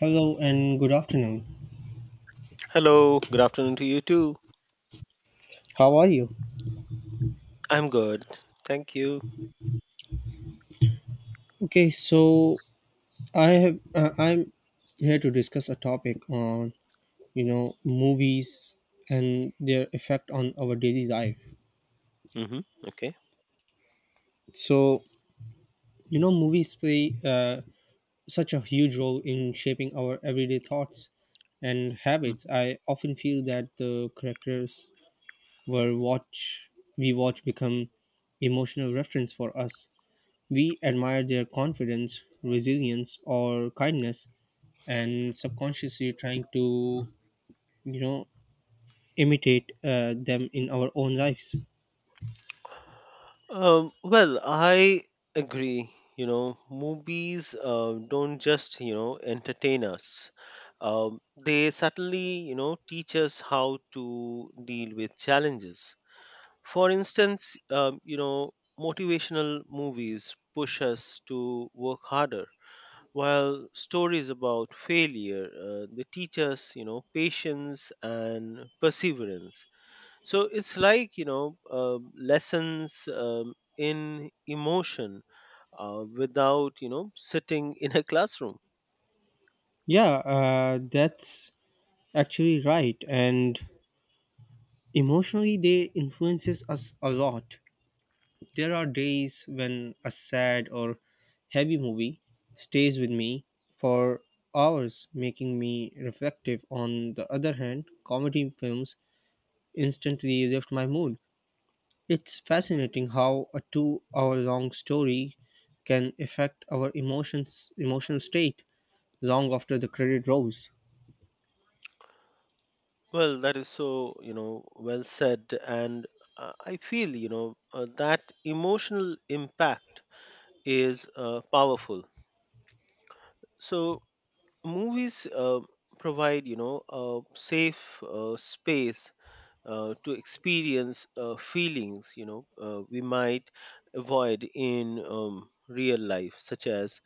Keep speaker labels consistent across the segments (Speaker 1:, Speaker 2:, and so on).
Speaker 1: Hello and good afternoon.
Speaker 2: Hello, good afternoon to you too.
Speaker 1: How are you?
Speaker 2: I'm good. Thank you.
Speaker 1: Okay, so I'm here to discuss a topic on movies and their effect on our daily life.
Speaker 2: Hmm. Okay.
Speaker 1: So movies play such a huge role in shaping our everyday thoughts and habits.
Speaker 2: Mhm.
Speaker 1: I often feel that the characters were watch we watch become emotional reference for us. We admire their confidence, resilience, or kindness and subconsciously trying to you know imitate them in our own lives.
Speaker 2: Well, I agree. Movies don't just, entertain us. They certainly, teach us how to deal with challenges. For instance, motivational movies push us to work harder. While stories about failure, they teach us, patience and perseverance. So it's like, lessons in emotion without, sitting in a classroom.
Speaker 1: Yeah, that's actually right, and emotionally they influences us a lot. There are days when a sad or heavy movie stays with me for hours, making me reflective. On the other hand, comedy films instantly lift my mood. It's fascinating how a 2-hour long story can affect our emotions emotional state long after the credit rolls.
Speaker 2: Well, that is so, well said. And I feel, that emotional impact is powerful. So movies provide, a safe space to experience feelings we might avoid in real life, such as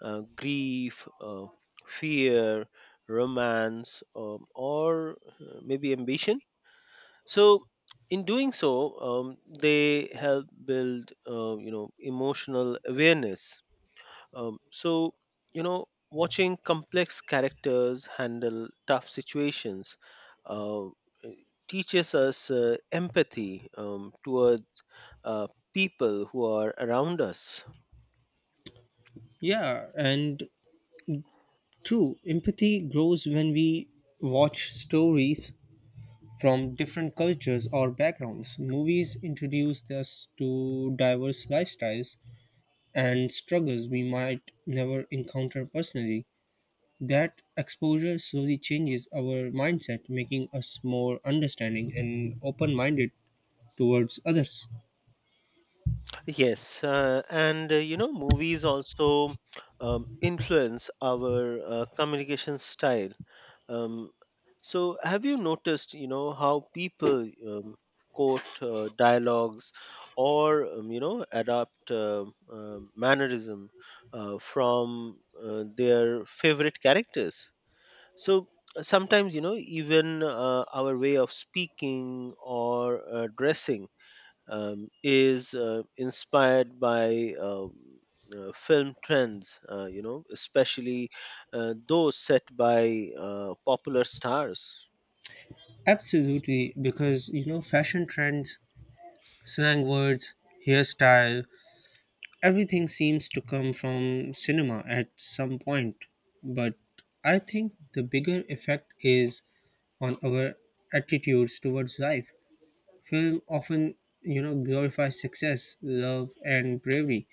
Speaker 2: grief, fear, romance, or maybe ambition. So, in doing so, they help build emotional awareness. So, watching complex characters handle tough situations uh, teaches us empathy towards uh, people who are around us.
Speaker 1: Yeah, and true, empathy grows when we watch stories from different cultures or backgrounds. Movies introduce us to diverse lifestyles and struggles we might never encounter personally. That exposure slowly changes our mindset, making us more understanding and open minded towards others.
Speaker 2: Yes, and movies also influence our communication style. Um, so, have you noticed, how people quote dialogues or, adapt mannerism from their favorite characters? So, sometimes, even our way of speaking or dressing is inspired by film trends, especially those set by popular stars.
Speaker 1: Absolutely, because you know, fashion trends, slang words, hairstyle, everything seems to come from cinema at some point. But I think the bigger effect is on our attitudes towards life. Film often, you know, glorifies success, love, and bravery,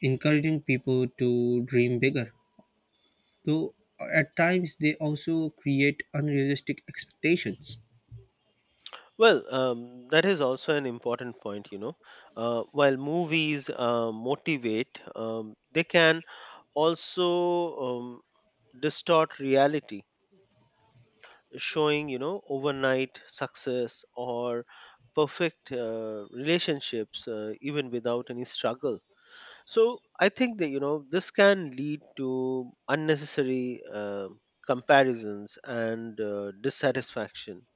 Speaker 1: encouraging people to dream bigger. Though at times they also create unrealistic expectations.
Speaker 2: Well, that is also an important point. While movies motivate, they can also um, distort reality, showing, overnight success or perfect relationships, even without any struggle. So I think that this can lead to unnecessary comparisons and dissatisfaction,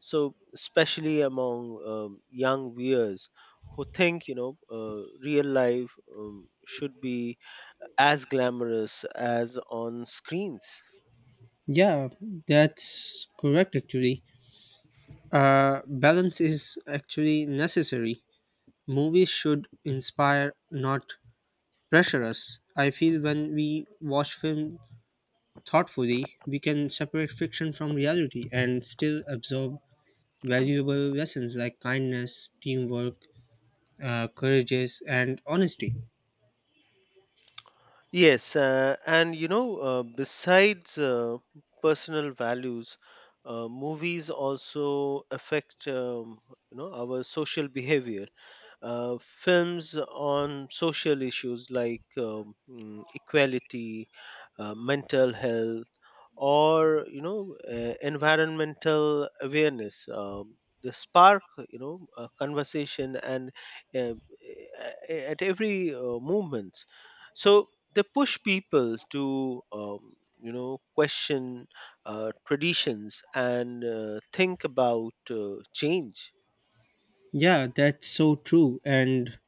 Speaker 2: so especially among young viewers who think real life should be as glamorous as on screens.
Speaker 1: Yeah, that's correct actually. Balance is actually necessary. Movies should inspire, not pressure us. I feel when we watch film thoughtfully, we can separate fiction from reality and still absorb valuable lessons like kindness, teamwork, courageous, and honesty.
Speaker 2: Yes, and besides personal values, movies also affect our social behavior. Films on social issues like equality, mental health, or environmental awareness. The spark, conversation and uh, a- at every movement. So they push people to question traditions and think about change.
Speaker 1: Yeah, that's so true. And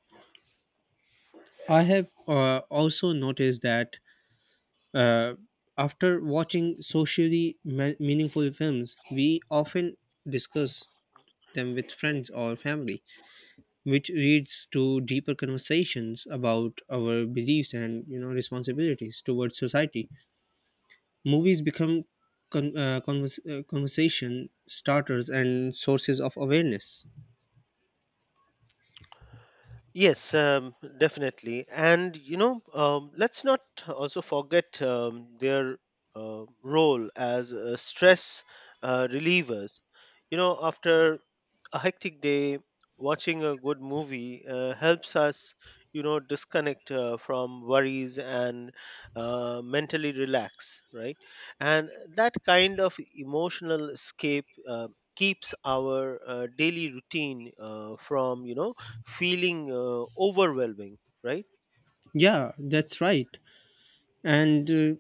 Speaker 1: I have also noticed that Uh, after watching meaningful films, we often discuss them with friends or family, which leads to deeper conversations about our beliefs and, you know, responsibilities towards society. Movies become conversation starters and sources of awareness.
Speaker 2: Yes, definitely. And, let's not also forget their role as stress relievers. After a hectic day, watching a good movie helps us, disconnect from worries and mentally relax, right? And that kind of emotional escape keeps our daily routine from, feeling overwhelming, right?
Speaker 1: Yeah, that's right. And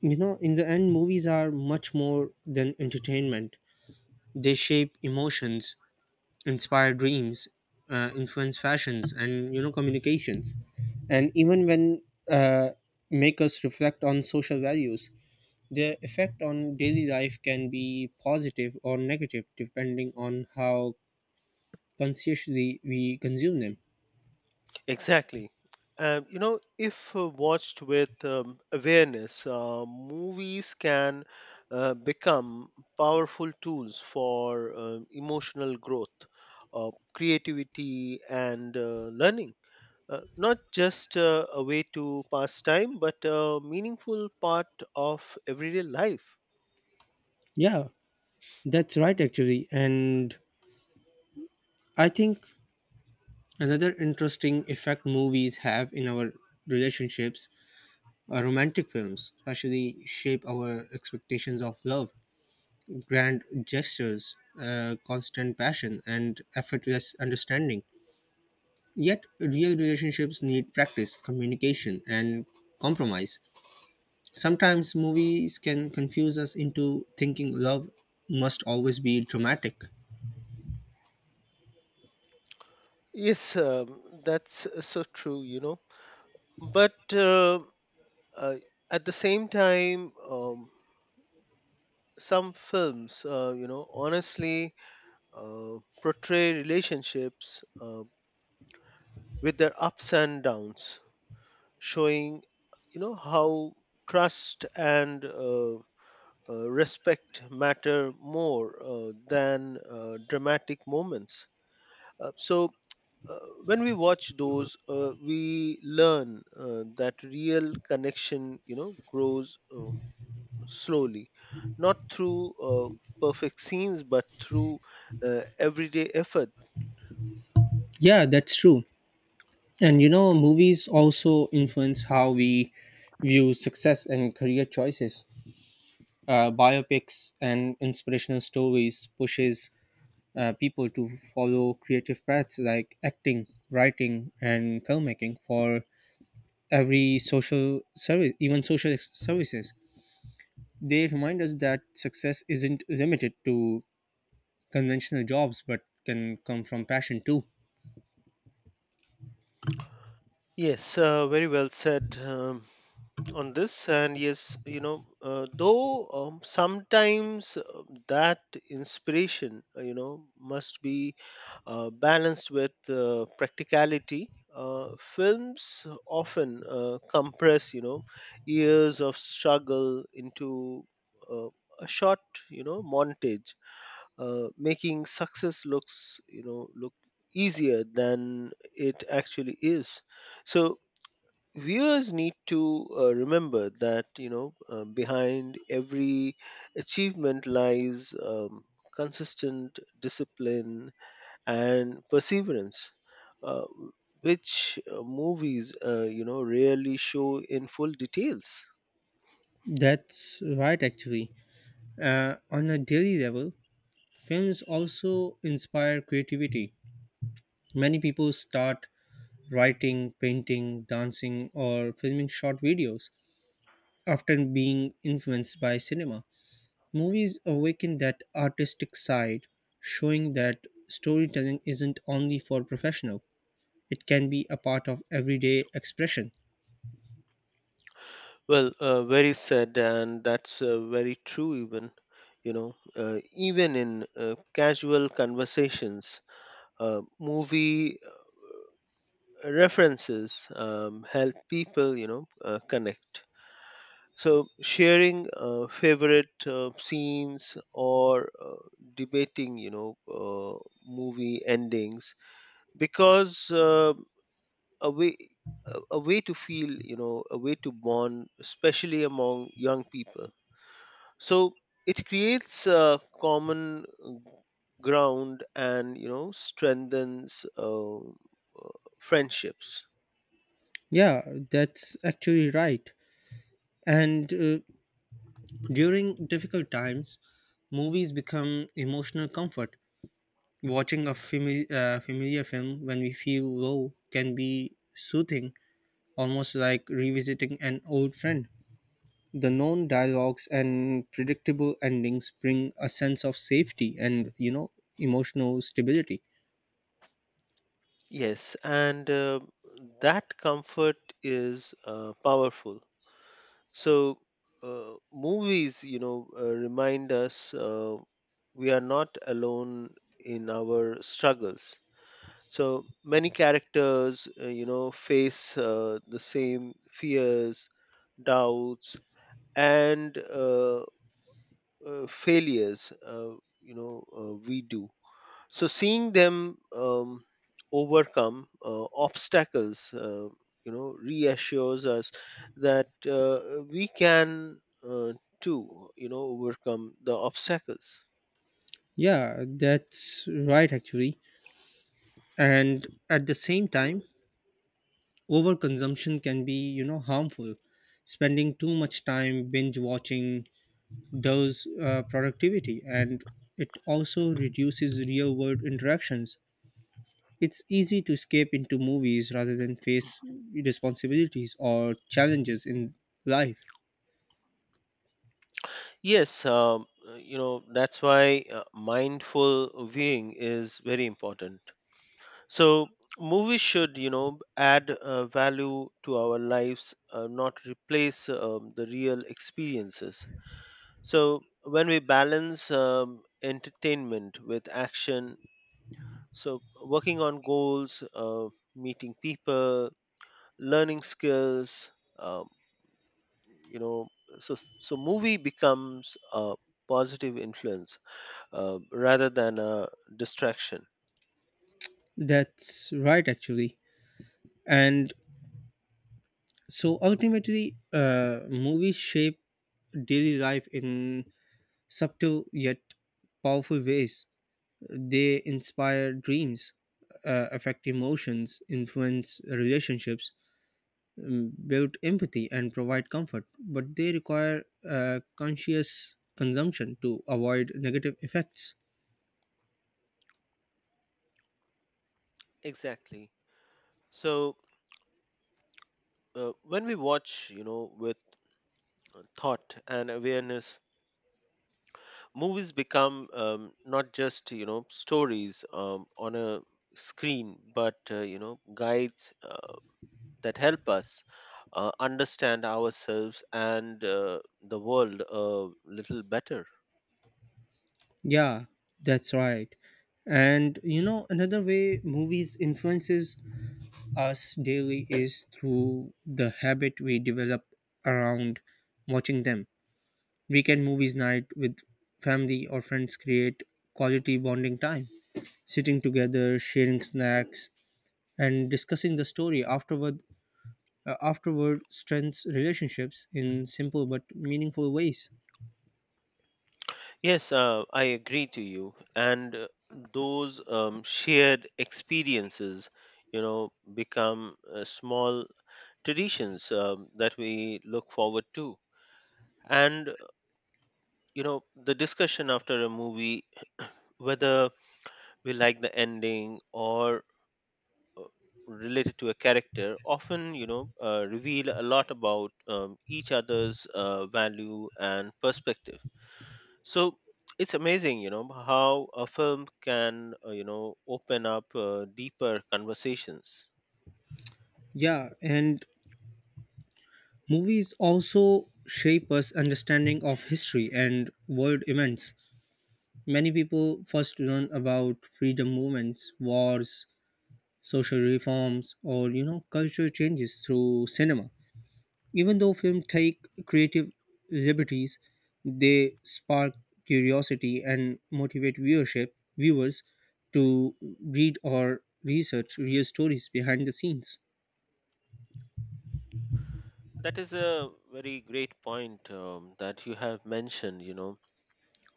Speaker 1: you know, in the end, movies are much more than entertainment. They shape emotions, inspire dreams, influence fashions and, you know, communications, and even when uh, make us reflect on social values, their effect on daily life can be positive or negative depending on how consciously we consume them.
Speaker 2: Exactly. If watched with awareness, movies can become powerful tools for emotional growth, creativity, and learning. Not just a way to pass time, but a meaningful part of everyday life.
Speaker 1: Yeah, that's right actually. And I think another interesting effect movies have in our relationships are romantic films, especially shape our expectations of love, grand gestures, constant passion, and effortless understanding. Yet, real relationships need practice, communication, and compromise. Sometimes movies can confuse us into thinking love must always be dramatic.
Speaker 2: Yes, that's so true. But uh, at the same time, some films, honestly portray relationships with their ups and downs, showing, how trust and respect matter more than dramatic moments. So. When we watch those, we learn that real connection, grows slowly, not through perfect scenes, but through everyday effort.
Speaker 1: Yeah, that's true. And you know, movies also influence how we view success and career choices. Biopics and inspirational stories pushes people to follow creative paths like acting, writing, and filmmaking for every social service, even services. They remind us that success isn't limited to conventional jobs but can come from passion too.
Speaker 2: Yes, very well said on this. And yes, though sometimes that inspiration, must be balanced with practicality. Films often compress, years of struggle into uh, a short, montage, making success looks you know look easier than it actually is. So viewers need to remember that behind every achievement lies consistent discipline and perseverance, uh, which movies rarely show in full details.
Speaker 1: That's right, actually. On a daily level, films also inspire creativity. Many people start writing, painting, dancing, or filming short videos, often being influenced by cinema. Movies awaken that artistic side, showing that storytelling isn't only for professional, it can be a part of everyday expression.
Speaker 2: Well, very sad, and that's very true. Even in casual conversations, movie references help people, connect. So sharing favorite scenes or debating, movie endings, because a way a way to feel, a way to bond, especially among young people, so it creates a common ground and strengthens friendships.
Speaker 1: Yeah, that's actually right. And during difficult times, movies become emotional comfort. Watching a familiar film when we feel low can be soothing, almost like revisiting an old friend. The known dialogues and predictable endings bring a sense of safety and, you know, emotional stability.
Speaker 2: Yes, and that comfort is powerful. So movies remind us we are not alone in our struggles. So many characters face the same fears, doubts, and failures we do. So seeing them overcome obstacles reassures us that we can too, overcome the obstacles.
Speaker 1: Yeah, that's right, actually. And at the same time, overconsumption can be, you know, harmful. Spending too much time binge watching does productivity, and it also reduces real world interactions. It's easy to escape into movies rather than face responsibilities or challenges in life.
Speaker 2: Yes, that's why mindful viewing is very important. So movies should, add value to our lives, not replace the real experiences. So when we balance entertainment with action, so working on goals, meeting people, learning skills, um, you know, so movie becomes a positive influence rather than a distraction.
Speaker 1: That's right, actually. And so ultimately, movies shape daily life in subtle yet powerful ways. They inspire dreams, affect emotions, influence relationships, build empathy, and provide comfort. But they require conscious consumption to avoid negative effects.
Speaker 2: Exactly. So when we watch, with thought and awareness, movies become not just stories on a screen, but guides that help us understand ourselves and the world a little better.
Speaker 1: Yeah, that's right. And you know, another way movies influences us daily is through the habit we develop around watching them. Weekend movies night with family or friends create quality bonding time, sitting together, sharing snacks, and discussing the story afterward. Afterward strengthens relationships in simple but meaningful ways.
Speaker 2: Yes, I agree to you. And those shared experiences become small traditions that we look forward to. And the discussion after a movie, whether we like the ending or uh, related to a character, often reveal a lot about each other's value and perspective. So it's amazing how a film can open up deeper conversations.
Speaker 1: Yeah, and movies also shape us understanding of history and world events. Many people first learn about freedom movements, wars, social reforms, or, you know, cultural changes through cinema. Even though films take creative liberties, they spark curiosity and motivate viewers to read or research real stories behind the scenes.
Speaker 2: That is a very great point that you have mentioned.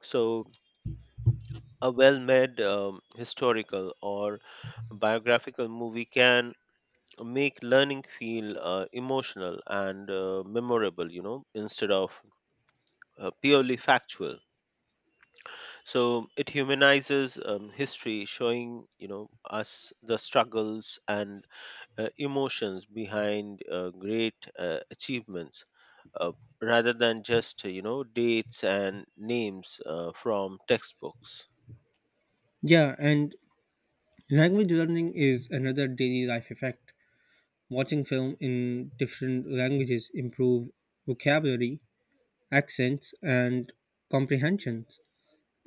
Speaker 2: So a well made historical or biographical movie can make learning feel emotional and memorable, instead of purely factual. So it humanizes history, showing, us the struggles and emotions behind great achievements, Uh, rather than just dates and names from textbooks.
Speaker 1: Yeah, and language learning is another daily life effect. Watching film in different languages improve vocabulary, accents, and comprehensions.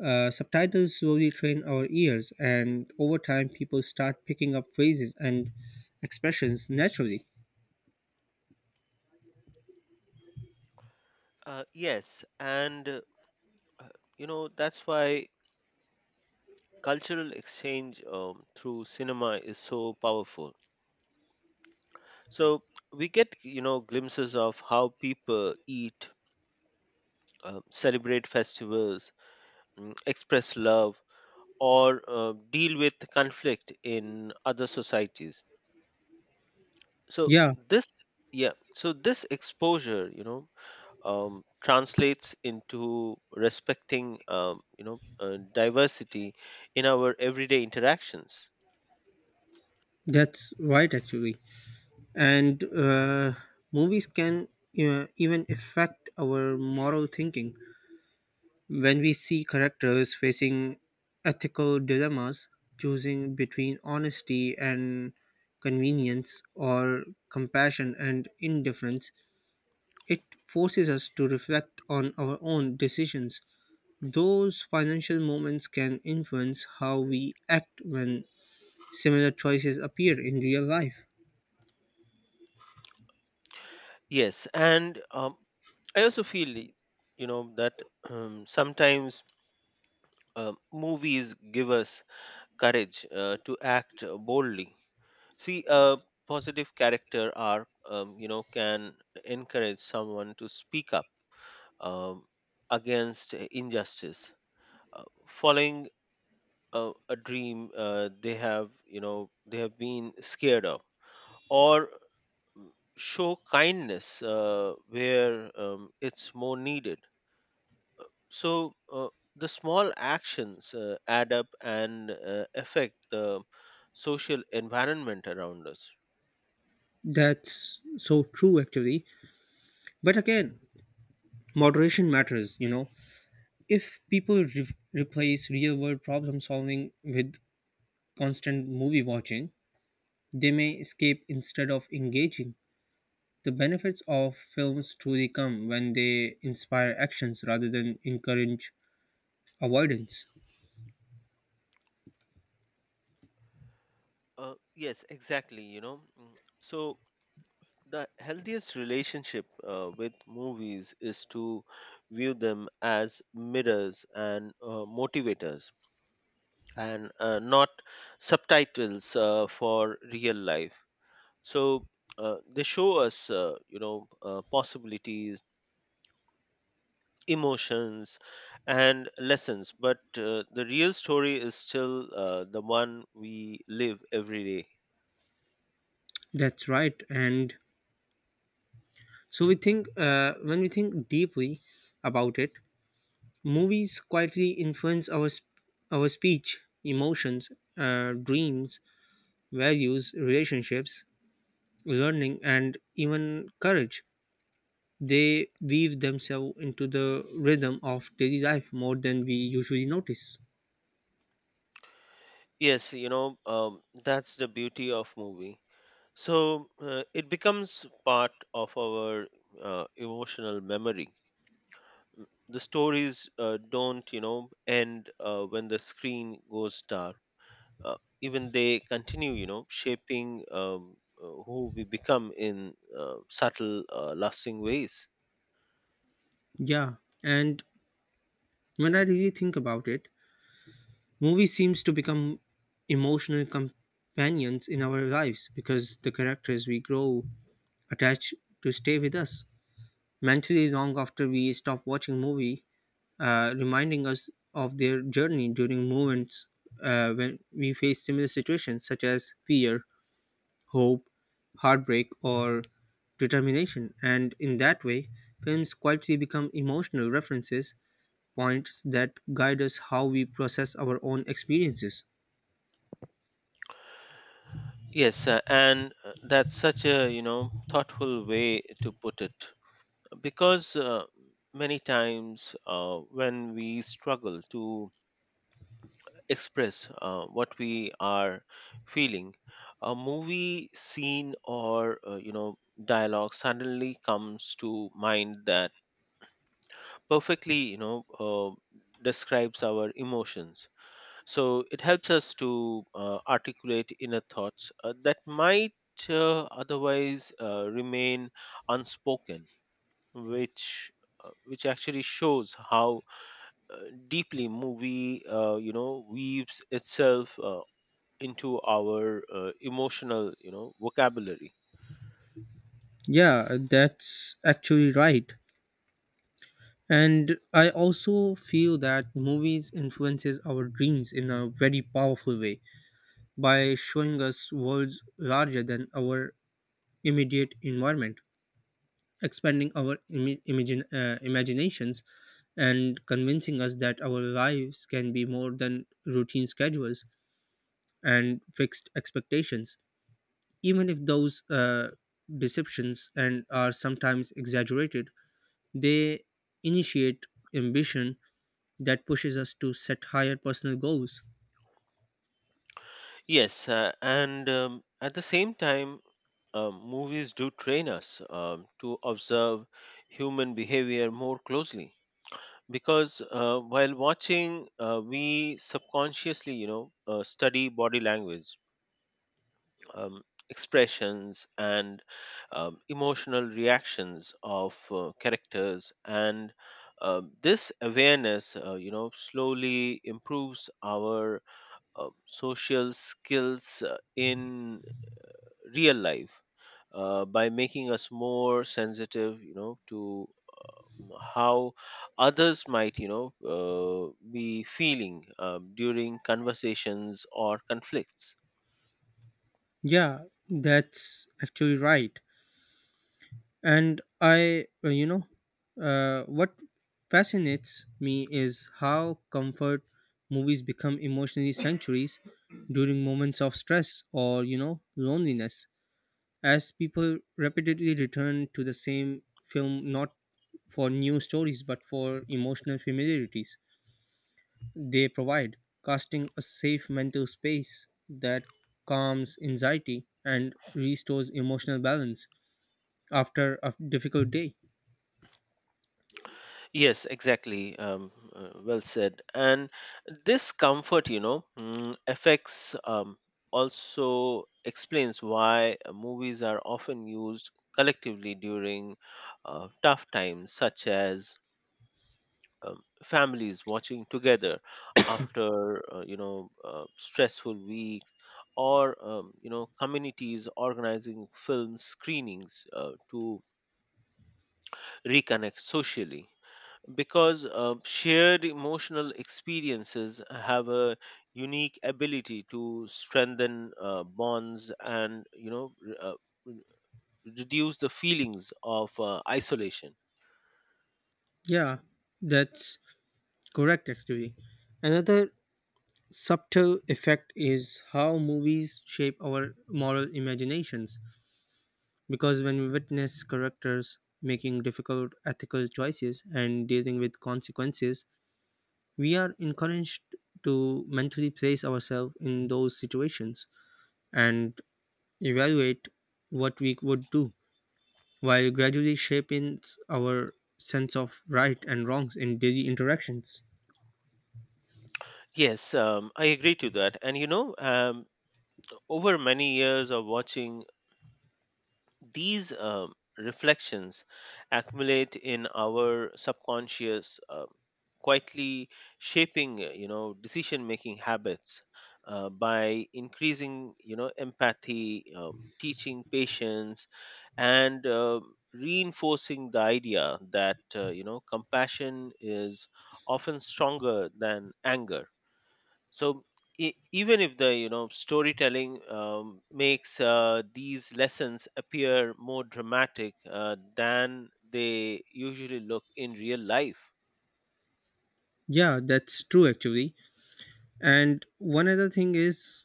Speaker 1: Subtitles slowly train our ears, and over time, people start picking up phrases and expressions naturally.
Speaker 2: Yes, and Uh, that's why cultural exchange through cinema is so powerful. So we get, glimpses of how people eat, celebrate festivals, express love, or deal with conflict in other societies. So
Speaker 1: Yeah,
Speaker 2: this, yeah, so this exposure, translates into respecting, diversity in our everyday interactions.
Speaker 1: that's right, actually. And movies can even affect our moral thinking. When we see characters facing ethical dilemmas, choosing between honesty and convenience or compassion and indifference, it forces us to reflect on our own decisions. Those financial moments can influence how we act when similar choices appear in real life.
Speaker 2: Yes, and I also feel, that sometimes movies give us courage to act boldly. See, a positive character arc, can encourage someone to speak up um, against injustice, following a dream they have been scared of, or mm, show kindness where it's more needed. So the small actions add up and affect the social environment around us.
Speaker 1: That's so true, actually. But again, moderation matters, you know. If people replace real world problem solving with constant movie watching, they may escape instead of engaging. The benefits of films truly come when they inspire actions rather than encourage avoidance.
Speaker 2: Yes, exactly. So the healthiest relationship with movies is to view them as mirrors and motivators, and not subtitles for real life. So they show us possibilities, emotions, and lessons, but the real story is still the one we live every day.
Speaker 1: That's right. And so we think, when we think deeply about it, movies quietly influence our our speech, emotions, dreams, values, relationships, learning, and even courage. They weave themselves into the rhythm of daily life more than we usually notice.
Speaker 2: Yes, that's the beauty of movie. So it becomes part of our emotional memory. Mm, the stories don't end when the screen goes dark. Uh, even they continue shaping who we become in subtle, lasting ways.
Speaker 1: Yeah, and when I really think about it, movie seems to become emotional companions in our lives because the characters we grow attached to stay with us mentally long after we stop watching movie, reminding us of their journey during moments when we face similar situations such as fear, hope, heartbreak, or determination. And in that way, films quietly become emotional references points that guide us how we process our own experiences.
Speaker 2: Yes, and that's such a thoughtful way to put it, because many times when we struggle to express what we are feeling, a movie scene or dialogue suddenly comes to mind that perfectly describes our emotions. So it helps us to articulate inner thoughts that might otherwise remain unspoken, which which actually shows how uh, deeply movie weaves itself into our emotional vocabulary.
Speaker 1: Yeah, that's actually right. And I also feel that movies influences our dreams in a very powerful way by showing us worlds larger than our immediate environment, expanding our imaginations, and convincing us that our lives can be more than routine schedules and fixed expectations. Even if those deceptions and are sometimes exaggerated, they initiate ambition that pushes us to set higher personal goals.
Speaker 2: Yes, and at the same time, movies do train us to observe human behavior more closely, because while watching, we subconsciously study body language, um, expressions, and emotional reactions of characters. And this awareness slowly improves our social skills in real life, by making us more sensitive to how others might be feeling during conversations or conflicts.
Speaker 1: Yeah, that's actually right. And I, you know, What fascinates me is how comfort movies become emotionally sanctuaries during moments of stress or, you know, loneliness. As people repeatedly return to the same film, not for new stories, but for emotional familiarities they provide, casting a safe mental space that calms anxiety and restores emotional balance after a difficult day.
Speaker 2: Yes, exactly. Well said. And this comfort you know mm, affects also explains why movies are often used collectively during tough times, such as families watching together after stressful week, or communities organizing film screenings to reconnect socially, because shared emotional experiences have a unique ability to strengthen bonds and re- reduce the feelings of isolation.
Speaker 1: Yeah, that's correct, actually. Another subtle effect is how movies shape our moral imaginations, because when we witness characters making difficult ethical choices and dealing with consequences, we are encouraged to mentally place ourselves in those situations and evaluate what we would do, while gradually shaping our sense of right and wrongs in daily interactions.
Speaker 2: Yes, I agree to that. And over many years of watching, these reflections accumulate in our subconscious, quietly shaping, decision-making habits, by increasing, empathy, teaching patience, and reinforcing the idea that compassion is often stronger than anger. So even if the storytelling makes these lessons appear more dramatic than they usually look in real life.
Speaker 1: Yeah, that's true actually. And one other thing is,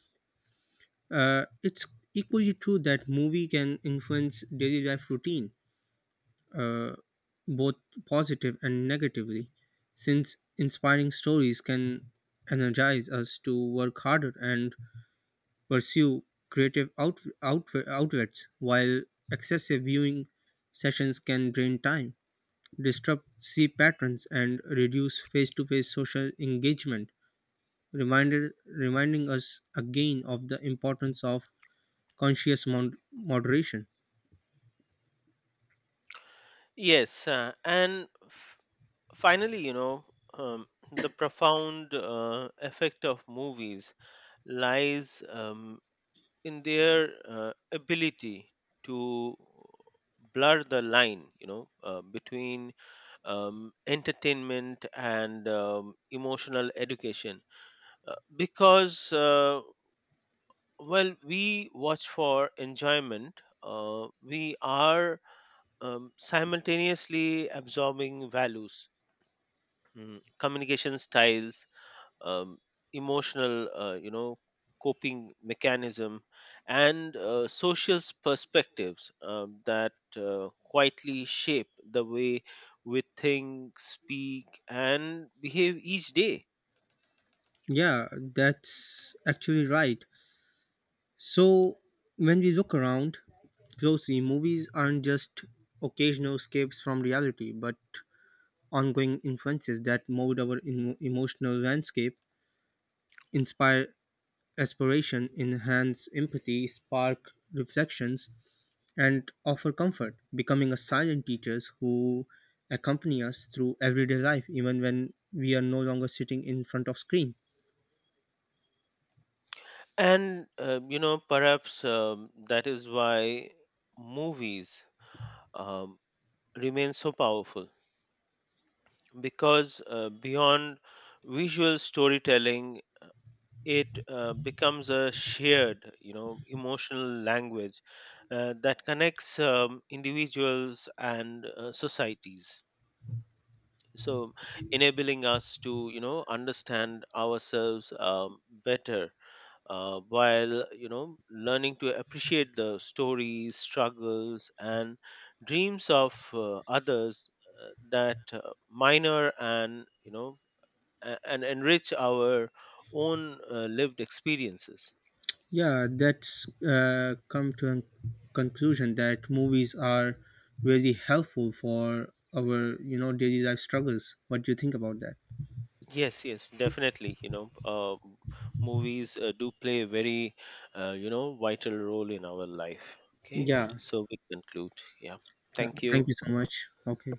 Speaker 1: it's equally true that movie can influence daily life routine, both positive and negatively, since inspiring stories can energize us to work harder and pursue creative outlets, while excessive viewing sessions can drain time, disrupt sleep patterns, and reduce face to face social engagement, reminding us again of the importance of conscious moderation.
Speaker 2: Yes, and finally, um, the profound effect of movies lies in their ability to blur the line between entertainment and emotional education, because well, we watch for enjoyment, we are simultaneously absorbing values, communication styles, um, emotional, coping mechanism, and social perspectives, that quietly shape the way we think, speak, and behave each day.
Speaker 1: Yeah, that's actually right. So, when we look around closely, movies aren't just occasional escapes from reality, but ongoing influences that mold our emotional landscape, inspire aspiration, enhance empathy, spark reflections, and offer comfort, becoming a silent teachers who accompany us through everyday life, even when we are no longer sitting in front of screen.
Speaker 2: And perhaps that is why movies um, remain so powerful, because beyond visual storytelling it becomes a shared, emotional language that connects individuals and societies, so enabling us to understand ourselves better, while learning to appreciate the stories, struggles, and dreams of others, that minor and and enrich our own lived experiences.
Speaker 1: Yeah, that's come to a conclusion that movies are really helpful for our, you know, daily life struggles. What do you think about that?
Speaker 2: Yes, yes, definitely. Movies do play a very, vital role in our life. Okay,
Speaker 1: Yeah,
Speaker 2: so we conclude. Yeah,
Speaker 1: yeah.
Speaker 2: thank
Speaker 1: Thank
Speaker 2: you.
Speaker 1: you so much. Okay.